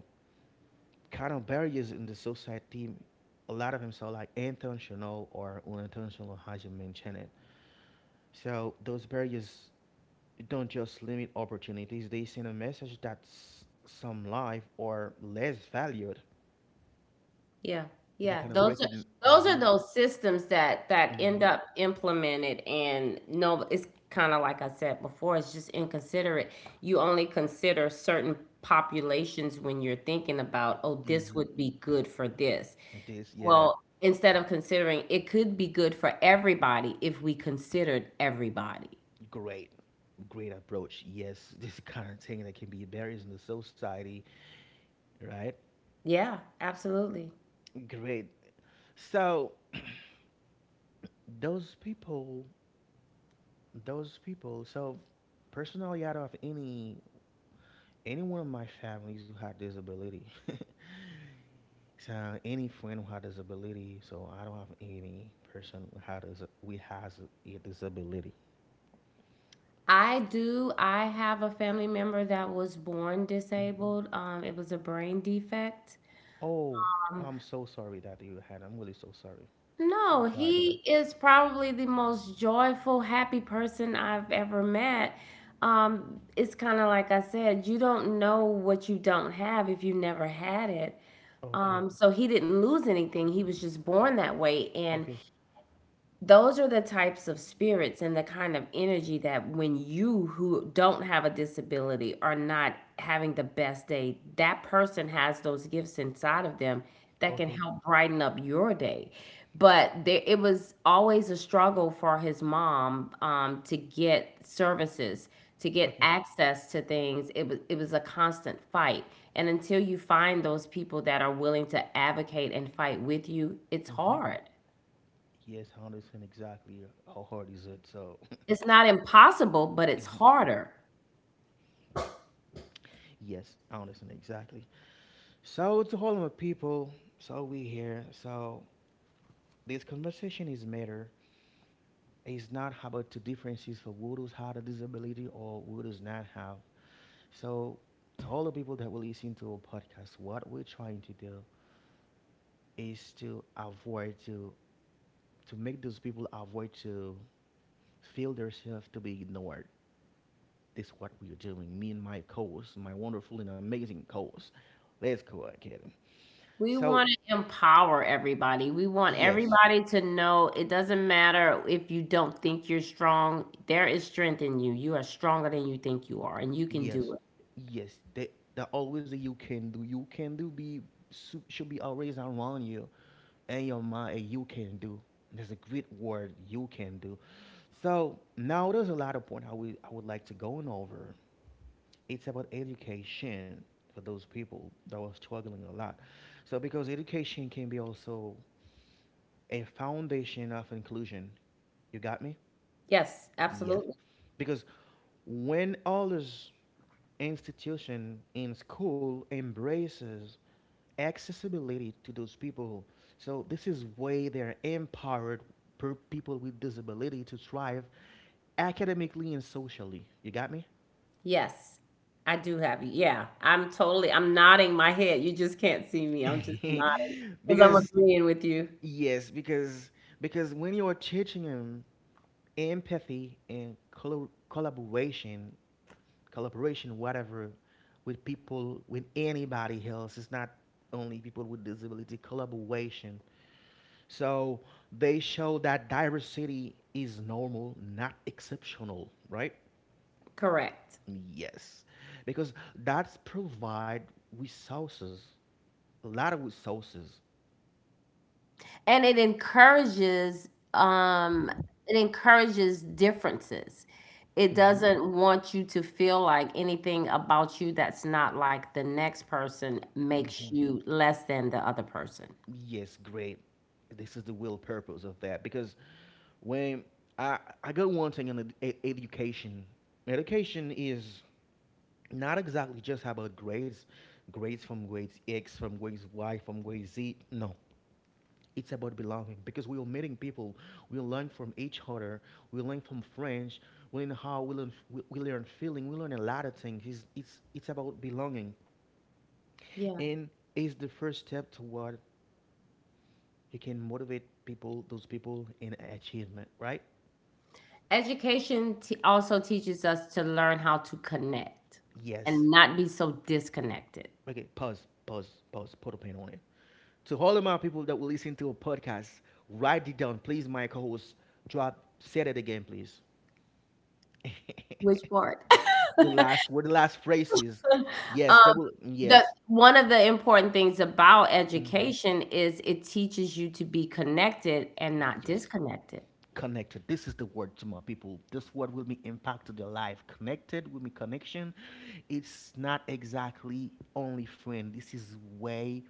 S1: kind of barriers in the society a lot of them so like intentional or unintentional as you mentioned it so those barriers don't just limit opportunities, they send a message that some life are less valued.
S2: Yeah.
S1: They
S2: Yeah.
S1: kind of
S2: Those are
S1: recognize
S2: those are
S1: mm-hmm,
S2: those systems that that
S1: mm-hmm,
S2: end up implemented and no, it's kind of like I said before, it's just inconsiderate. You only consider certain populations when you're thinking about, oh, this
S1: mm-hmm.
S2: would be good for this.
S1: This, yeah,
S2: Well, instead of considering, it could be good for everybody if we considered everybody.
S1: great, great approach. Yes, this kind of thing that can be barriers in the society, right?
S2: Yeah, absolutely.
S1: Great. So those people, those people. So personally, out of any one of my families who had disability, so any friend who has disability, so I don't have any person who has we has a disability.
S2: I do. I have a family member that was born
S1: Mm.
S2: disabled. It was a brain defect.
S1: Oh, I'm so sorry that you had. I'm really so sorry. Oh
S2: No,
S1: God, no.
S2: he is probably the most joyful, happy person I've ever met. It's kind of like I said, you don't know what you don't have if you never had it.
S1: Okay,
S2: So he didn't lose anything. He was just born that way. And
S1: okay,
S2: those are the types of spirits and the kind of energy that when you who don't have a disability are not having the best day, that person has those gifts inside of them that can
S1: okay,
S2: help brighten up your day. But there, it was always a struggle for his mom to get services, to get
S1: okay.
S2: access to things. It was a constant fight, and until you find those people that are willing to advocate and fight with you, it's
S1: Mm-hmm.
S2: hard.
S1: Yes, I understand exactly how hard is it. So
S2: It's not impossible, but it's
S1: mhm,
S2: harder.
S1: yes, I understand exactly. So to all my people, so we here. So this conversation is matter. It's not about the differences for who does have a disability or who does not have. So, to all the people that will listen to our podcast, what we're trying to do is to avoid to make those people avoid to feel themselves to be ignored. This is what we are doing. Me and my co-host, my wonderful and amazing co-host. Let's go, Academy.
S2: We
S1: So,
S2: want to empower everybody. We want
S1: yes,
S2: everybody to know it doesn't matter if you don't think you're strong. There is strength in you. You are stronger than you think you are, and you can do
S1: yes,
S2: it.
S1: yes. They, there always a you can do. You can do be should be always around you and your mind. A you can do. There's a great word you can do. So now there's a lot of point I would like to go on over. It's about education for those people that are struggling a lot. So because education can be also a foundation of inclusion. You got me?
S2: Yes,
S1: Yes.
S2: absolutely.
S1: Because when all this institution in school embraces accessibility to those people, so this is way they're empowered per people with disability to thrive academically and socially. You got me?
S2: Yes, I do have you. Yeah, I'm totally, I'm nodding my head. You just can't see me. I'm just nodding because I'm
S1: because
S2: agreeing with you.
S1: yes, because when you are teaching them empathy and collaboration, collaboration, whatever, with people, with anybody else, it's not only people with disability. Collaboration. So they show that diversity is normal, not exceptional, right?
S2: Correct.
S1: Yes, because that's provide resources, a lot of resources.
S2: And it encourages differences. It doesn't want you to feel like anything about you that's not like the next person
S1: Hmm.
S2: makes you less than the other person.
S1: Yes, great. This is the real purpose of that because when I I got one thing in the education, education is not exactly just about grades, grades from grades X, from grades Y, from grades Z. No, it's about belonging because we are meeting people, we learn from each other, we learn from friends, we learn how we learn feeling, we learn a lot of things. It's about belonging
S2: Yeah.
S1: and it's the first step toward you can motivate people, those people in achievement, right?
S2: Education also teaches us to learn how to connect
S1: Yes.
S2: and not be so disconnected.
S1: Okay, pause, pause, pause, put a pin on it. To all of my people that will listen to a podcast, write it down. Please, my co host, drop, say it again, please.
S2: Which part?
S1: the last word, the last phrase is? Yes, that
S2: um,
S1: will,
S2: the
S1: yes.
S2: one of the important things about
S1: Mm,
S2: education is it teaches you to be connected and not
S1: yes,
S2: disconnected.
S1: connected. This is the word to my people. This word will be impact to their life. Connected will be connection. It's not exactly only friend. This is way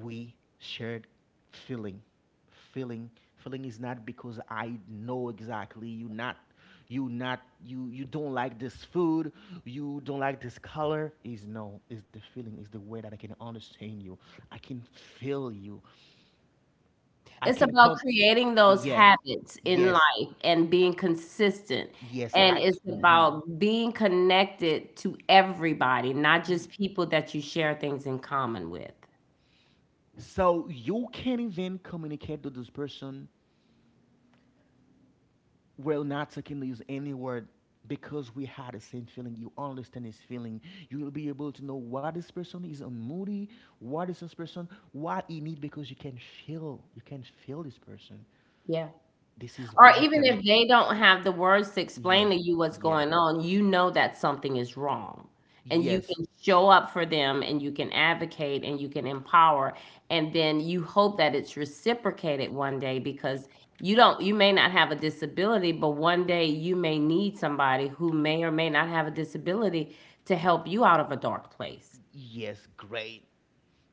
S1: we shared feeling feeling feeling is not because I know exactly you not you don't like this food you don't like this color is no is the feeling is the way that I can understand you I can feel you I
S2: It's
S1: can
S2: about
S1: come
S2: creating those
S1: yes
S2: habits in
S1: yes
S2: life and being consistent,
S1: yes
S2: and
S1: I
S2: it's
S1: mhm.
S2: about being connected to everybody, not just people that you share things in common with.
S1: So you can't even communicate to this person we're not taking use any word because we had the same feeling. You understand his feeling. You will be able to know what this person is on moody, what is this person, what he need because you can feel. You can feel this person.
S2: Yeah.
S1: This is
S2: Or
S1: why
S2: even
S1: connect.
S2: if they don't have the words to explain
S1: Yes,
S2: to you what's
S1: yeah,
S2: going on, you know that something is wrong. And you
S1: yes,
S2: can show up for them and you can advocate and you can empower. And then you hope that it's reciprocated one day because you don't, you may not have a disability, but one day you may need somebody who may or may not have a disability to help you out of a dark place.
S1: yes. Great.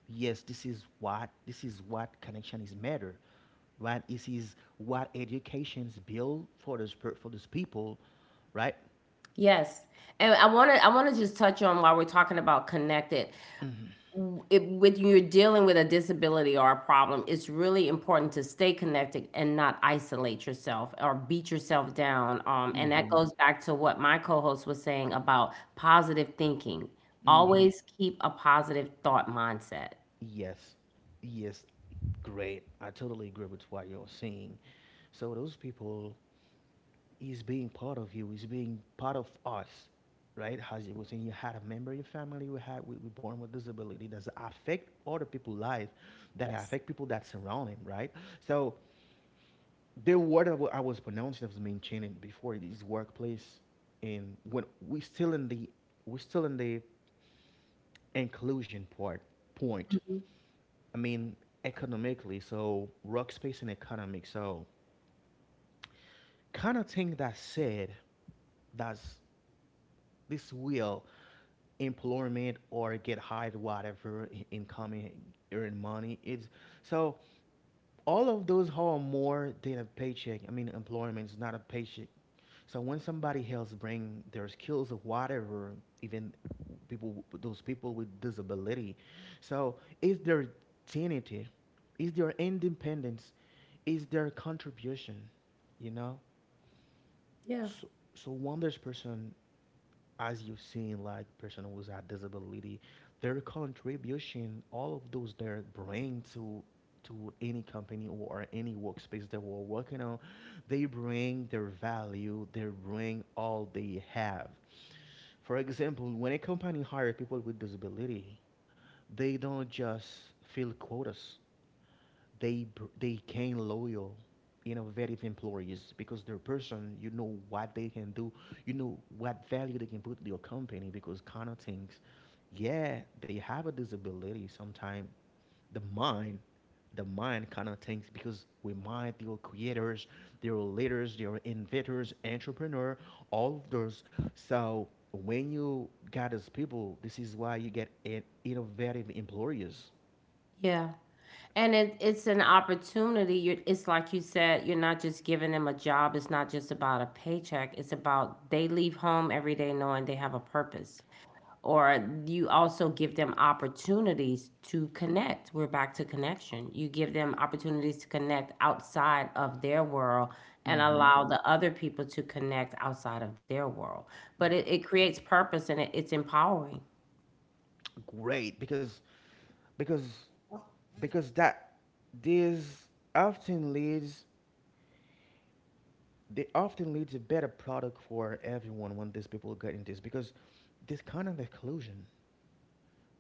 S1: Yes, this is what connection is matter. Right? This is what education's built for those for those people. Right?
S2: Yes. And I want to just touch on while we're talking about connected. When you're dealing with a disability or a problem, it's really important to stay connected and not isolate yourself or beat yourself down. And that
S1: Mm-hmm.
S2: goes back to what my co host was saying about positive thinking.
S1: Mm-hmm.
S2: Always keep a positive thought mindset.
S1: Yes, yes, great. I totally agree with what you're saying. So those people is being part of you, is being part of us, right? As you were saying, you had a member of your family we born with disability that affect other people's life, that
S2: Yes.
S1: affect people that surround him, right? So the word I was pronouncing I was maintaining before it is workplace, and when we're still in the inclusion part point.
S2: Mhm.
S1: I mean, economically, so workspace and economic. So kind of thing that said that's this will employment or get hired whatever income earn money it's so all of those are more than a paycheck. I mean employment is not a paycheck. So when somebody else bring their skills or whatever, even people, those people with disability, so is their dignity, is their independence, is their contribution, you know?
S2: Yeah.
S1: So, so, one there's person, as you've seen, like person who's a disability, their contribution, all of those they bring to any company or any workspace that we're working on, they bring their value, they bring all they have. For example, when a company hires people with disability, they don't just fill quotas. They they gain loyal innovative employees because their person, you know what they can do, you know what value they can put to your company because kind of things. Yeah, they have a disability sometimes. The mind the mind kind of thinks because we mind they are creators, they are leaders, they are inventors entrepreneur, all of those. So when you got those people, this is why you get innovative employers.
S2: Yeah. And it's an opportunity. It's like you said, you're not just giving them a job. It's not just about a paycheck. It's about they leave home every day knowing they have a purpose. Or you also give them opportunities to connect. We're back to connection. You give them opportunities to connect outside of their world and
S1: Hmm.
S2: allow the other people to connect outside of their world. But it creates purpose and it's empowering.
S1: Great, because because because that this often leads. They often leads a better product for everyone when these people get in this because this kind of inclusion.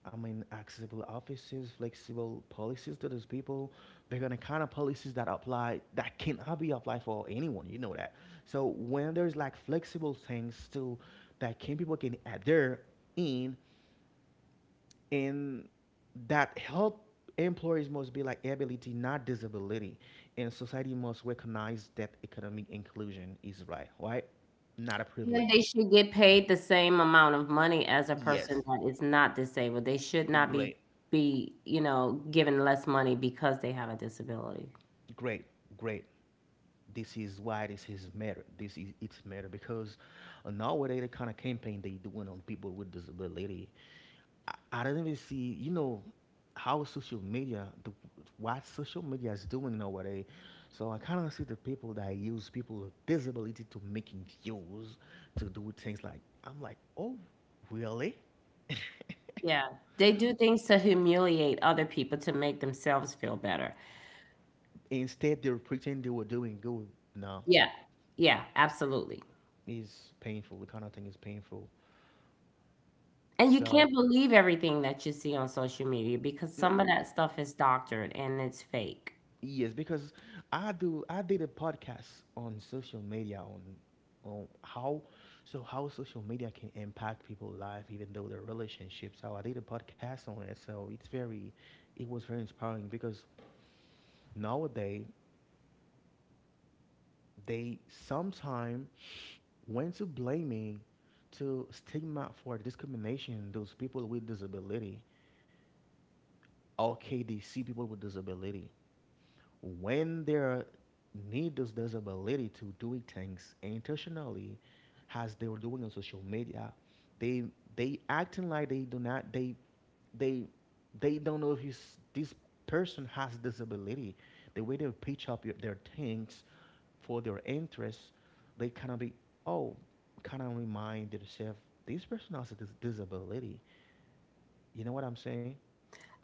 S1: I mean accessible offices, flexible policies to those people. They're gonna kind of policies that apply that cannot be applied for anyone, you know that. So when there's like flexible things to that can people can adhere in and that help employees must be like ability not disability. And society must recognize that economic inclusion is right, right, not a
S2: And they
S1: privilege.
S2: should get paid the same amount of money as a person
S1: Yes,
S2: that is not disabled. They should not be
S1: great,
S2: you know, given less money because they have a disability.
S1: great, great. This is why this is matter. This is it's matter because nowadays the kind of campaign they doing on people with disability, I didn't even see, you know, how social media, the, what social media is doing nowadays. So I kind of see the people that use people with disability to making views, to do things like, I'm like, oh, really?
S2: Yeah. They do things to humiliate other people to make themselves feel better.
S1: Instead, they were pretending they were doing good. No,
S2: Yeah. Yeah, absolutely.
S1: it's painful. The kind of thing is painful.
S2: And you can't
S1: So,
S2: believe everything that you see on social media because
S1: no,
S2: some of that stuff is doctored and it's fake.
S1: yes, because I do. I did a podcast on social media on how so how social media can impact people's life, even though their relationships. So I did a podcast on it. So it's very, it was very inspiring because nowadays they sometime went to blaming to stigma for discrimination those people with disability. Okay, they see people with disability, when their needles this ability to doing things intentionally as they were doing on social media, they they acting like they do not they they they don't know if he's, this person has this ability, the way they pitch up your, their things for their interests. They kind of be, oh, kind of remind themselves, this person has this disability. You know what I'm saying?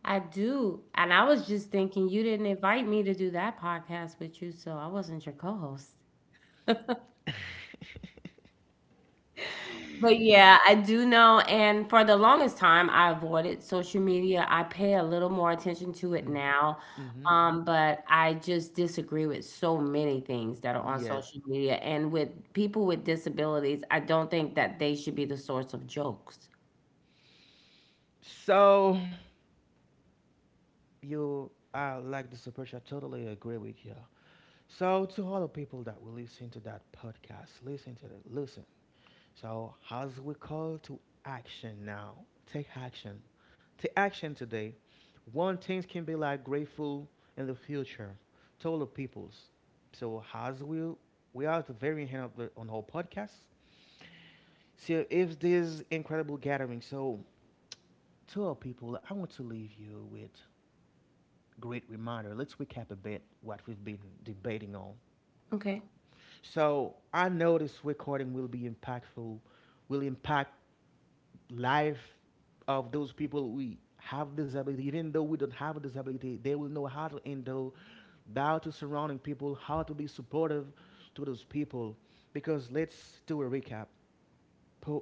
S2: I do. And I was just thinking you didn't invite me to do that podcast with you, so I wasn't your co-host. But yeah, I do know, and for the longest time, I avoided social media. I pay a little more attention to it now,
S1: Mm-hmm.
S2: but I just disagree with so many things that are on
S1: Yes,
S2: social media. And with people with disabilities, I don't think that they should be the source of jokes.
S1: so you, I like this approach. I totally agree with you. So, to all the people that will listen to that podcast, listen to it, listen. So, as we call to action now, take action. Take action today. One things can be like grateful in the future. To all the peoples. So, as we are at the very end of the on our podcast. So, if this incredible gathering, so to our people, I want to leave you with great reminder. Let's recap a bit what we've been debating on.
S2: Okay.
S1: So I know this recording will be impactful, will impact life of those people we have disability. Even though we don't have a disability, they will know how to handle, how to surrounding people, how to be supportive to those people. Because let's do a recap.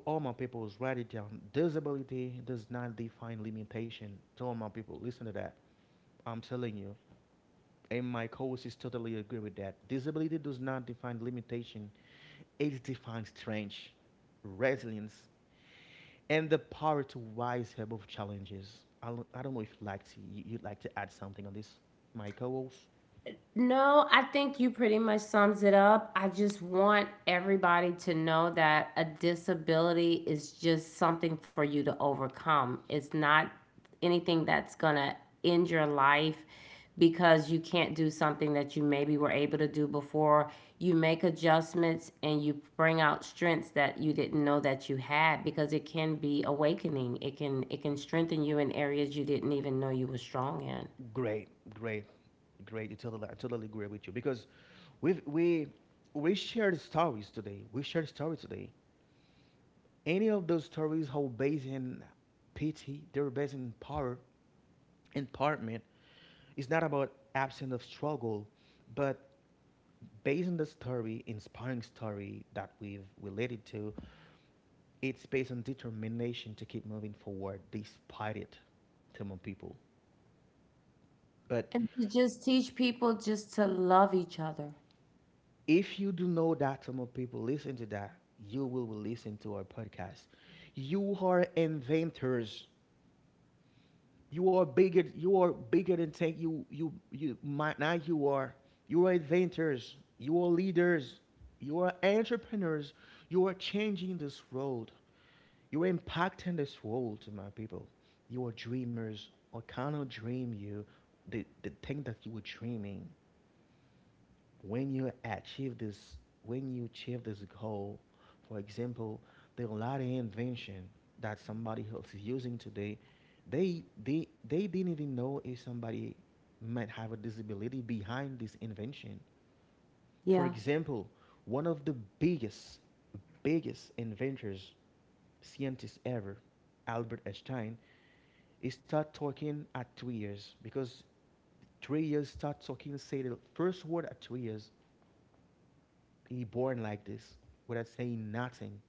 S1: All my people, write it down. Disability does not define limitation. All my people, listen to that. I'm telling you. And my co-hosts totally agree with that. Disability does not define limitation; it defines strength, resilience, and the power to rise above challenges. I don't know if you'd like to you'd like to add something on this, my co-host.
S2: No, I think you pretty much sums it up. I just want everybody to know that a disability is just something for you to overcome. It's not anything that's going to end your life because you can't do something that you maybe were able to do before. You make adjustments and you bring out strengths that you didn't know that you had because it can be awakening. It can strengthen you in areas you didn't even know you were strong in.
S1: Great, great, great. You totally, I totally agree with you because we we we shared stories today. We shared stories today, any of those stories whole based in pity, they are based in power, empowerment. It's not about absence of struggle, but based on the story, inspiring story that we've related to, it's based on determination to keep moving forward despite it, Tamil people. But
S2: And to just teach people just to love each other.
S1: if you do know that, Tamil people, listen to that, you will listen to our podcast. You are inventors. You are bigger. You are bigger than tank. You. My, now you are. You are inventors. You are leaders. You are entrepreneurs. You are changing this world. You are impacting this world, my people. You are dreamers. I cannot dream you the thing that you were dreaming when you achieve this when you achieve this goal. For example, there are a lot of invention that somebody else is using today. They didn't even know if somebody might have a disability behind this invention.
S2: Yeah.
S1: For example, one of the biggest biggest inventors scientists ever, Albert Einstein, he started talking at 2 years because 3 years start talking say the first word at 2 years. He born like this without saying nothing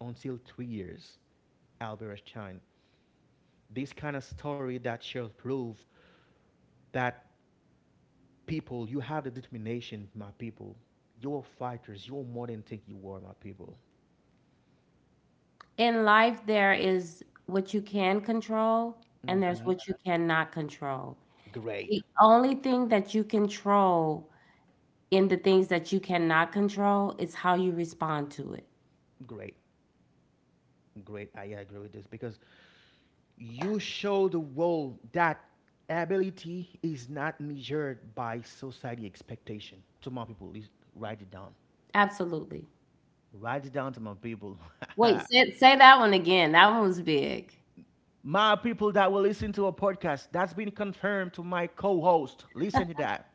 S1: until 3 years. Albert Einstein. This kind of story that shall prove that people, you have the determination, my people. You're fighters. You're more than think you are, my people.
S2: In life, there is what you can control and there's
S1: Hmm.
S2: what you cannot control.
S1: Great,
S2: The only thing that you control in the things that you cannot control is how you respond to it.
S1: great, great. I agree with this because you show the world that ability is not measured by society expectation. To my people, please write it down.
S2: Absolutely.
S1: Write it down to my people.
S2: Wait, say that one again. That one was big.
S1: My people that will listen to a podcast, that's been confirmed to my co host. Listen to that.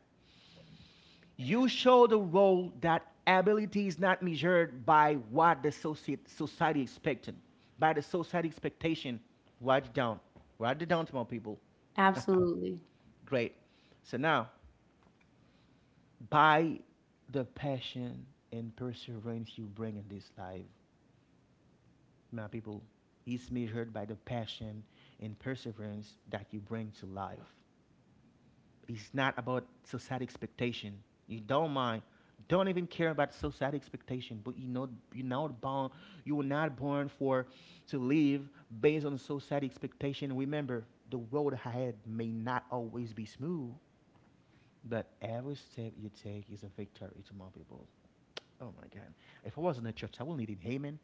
S1: You show the role that ability is not measured by what the society expected, by the society expectation. Write it down. Write it down to my people.
S2: Absolutely.
S1: Great. So now, by the passion and perseverance you bring in this life, my people, is measured by the passion and perseverance that you bring to life. It's not about society expectation. You don't mind. Don't even care about society expectation. But you know you're not born you were not born for to live based on society expectation. Remember, the road ahead may not always be smooth, but every step you take is a victory to my people. Oh my god. If I was in a church, I would need an amen.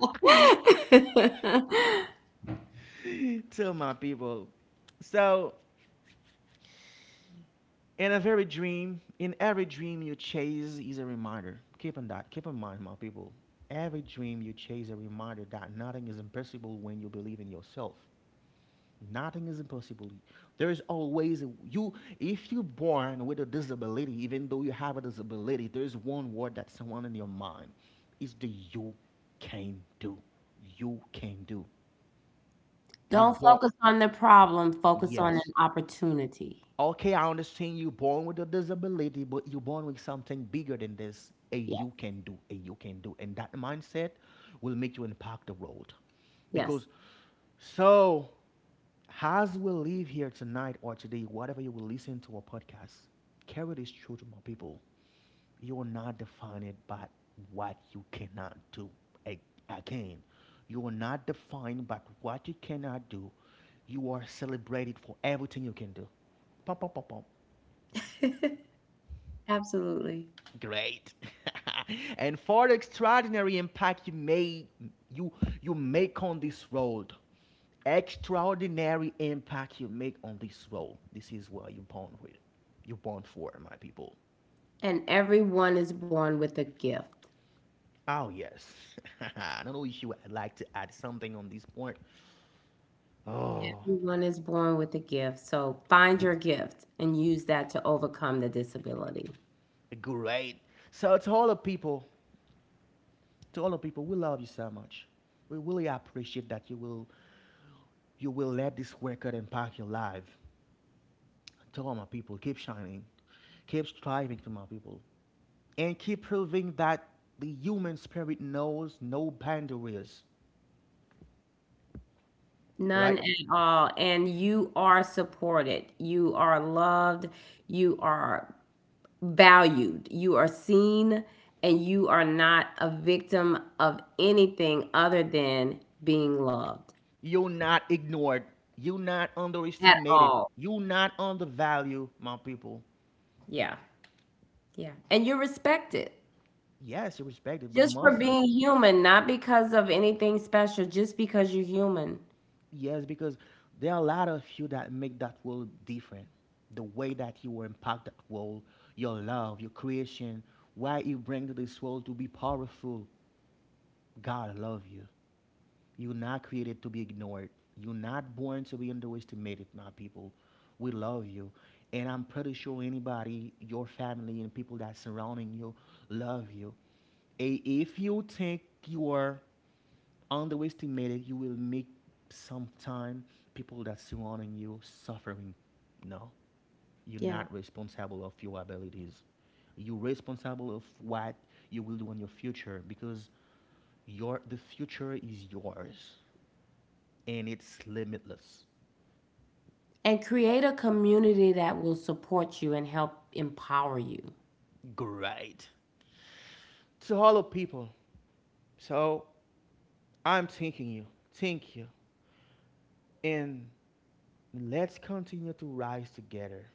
S1: To my people. So in a very dream, in every dream you chase is a reminder. Keep in that. Keep in mind, my people. Every dream you chase a reminder that nothing is impossible when you believe in yourself. Nothing is impossible. There is always a, you. If you're born with a disability, even though you have a disability, there is one word that someone in your mind is the you can do. You can do. You
S2: Don't
S1: born.
S2: focus on the problem, focus on
S1: Yes,
S2: an opportunity.
S1: okay, I understand you're born with a disability, but you're born with something bigger than this. A
S2: Yes,
S1: you can do, a you can do. And that mindset will make you impact the world.
S2: yes.
S1: Because so as we leave here tonight or today, whatever you will listen to a podcast, carry this truth, my people. You're not defined by what you cannot do. A again. You are not defined by what you cannot do. You are celebrated for everything you can do. Pum, pum, pum, pum.
S2: Absolutely.
S1: Great. And for the extraordinary impact you made, you you make on this road. Extraordinary impact you make on this road. This is what you're born with. You're born for, my people.
S2: And everyone is born with a gift.
S1: Oh yes. I don't know you would like to add something on this point. Oh,
S2: Everyone is born with a gift. So find your gift and use that to overcome the disability.
S1: great. So to all the people, to all the people, we love you so much. We really appreciate that you will let this record impact your life. To all my people, keep shining, keep striving to my people, and keep proving that the human spirit knows no boundaries.
S2: None
S1: Right?
S2: at all. And you are supported. You are loved. You are valued. You are seen. And you are not a victim of anything other than being loved
S1: You're not ignored. You're not
S2: at
S1: underestimated.
S2: all.
S1: You're not undervalued, my people.
S2: Yeah. Yeah. And you're respected.
S1: Yes, you're respected, but
S2: Just for
S1: most
S2: being human, not because of anything special, just because you're human.
S1: yes, because there are a lot of you that make that world different. The way that you will impact that world, your love, your creation, why you bring to this world to be powerful. God love you. You're not created to be ignored. You're not born to be underestimated, my people. We love you. And I'm pretty sure anybody, your family and people that surrounding you love you. If you think you are underestimated, you will make sometime people that surrounding you suffering. No, you're
S2: Yeah.
S1: not responsible of your abilities. You're responsible of what you will do in your future because your the future is yours and it's limitless.
S2: And create a community that will support you and help empower you.
S1: Great. To all the people. So I'm thanking you. Thank you. And let's continue to rise together.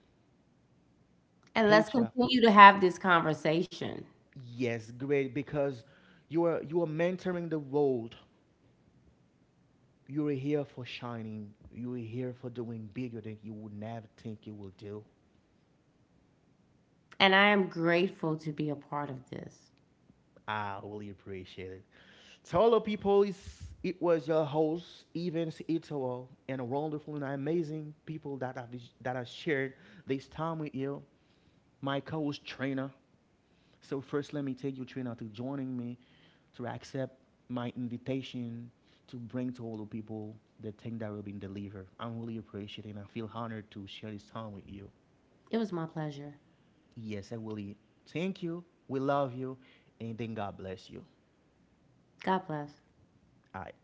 S2: And let's
S1: Page up.
S2: continue to have this conversation.
S1: Yes, great because you are mentoring the world. You are here for shining. You are here for doing bigger than you would never think you will do.
S2: And I am grateful to be a part of this.
S1: I really appreciate it. So hello people, it was your host Evans Ito and wonderful and amazing people that have shared this time with you. My co-host trainer. So first, let me take you, Trina, to joining me to accept my invitation to bring to all the people the thing that will be delivered. I'm really appreciating. I feel honored to share this time with you.
S2: It was my pleasure.
S1: Yes, I really thank you. We love you, and then God bless you.
S2: God bless.
S1: All right.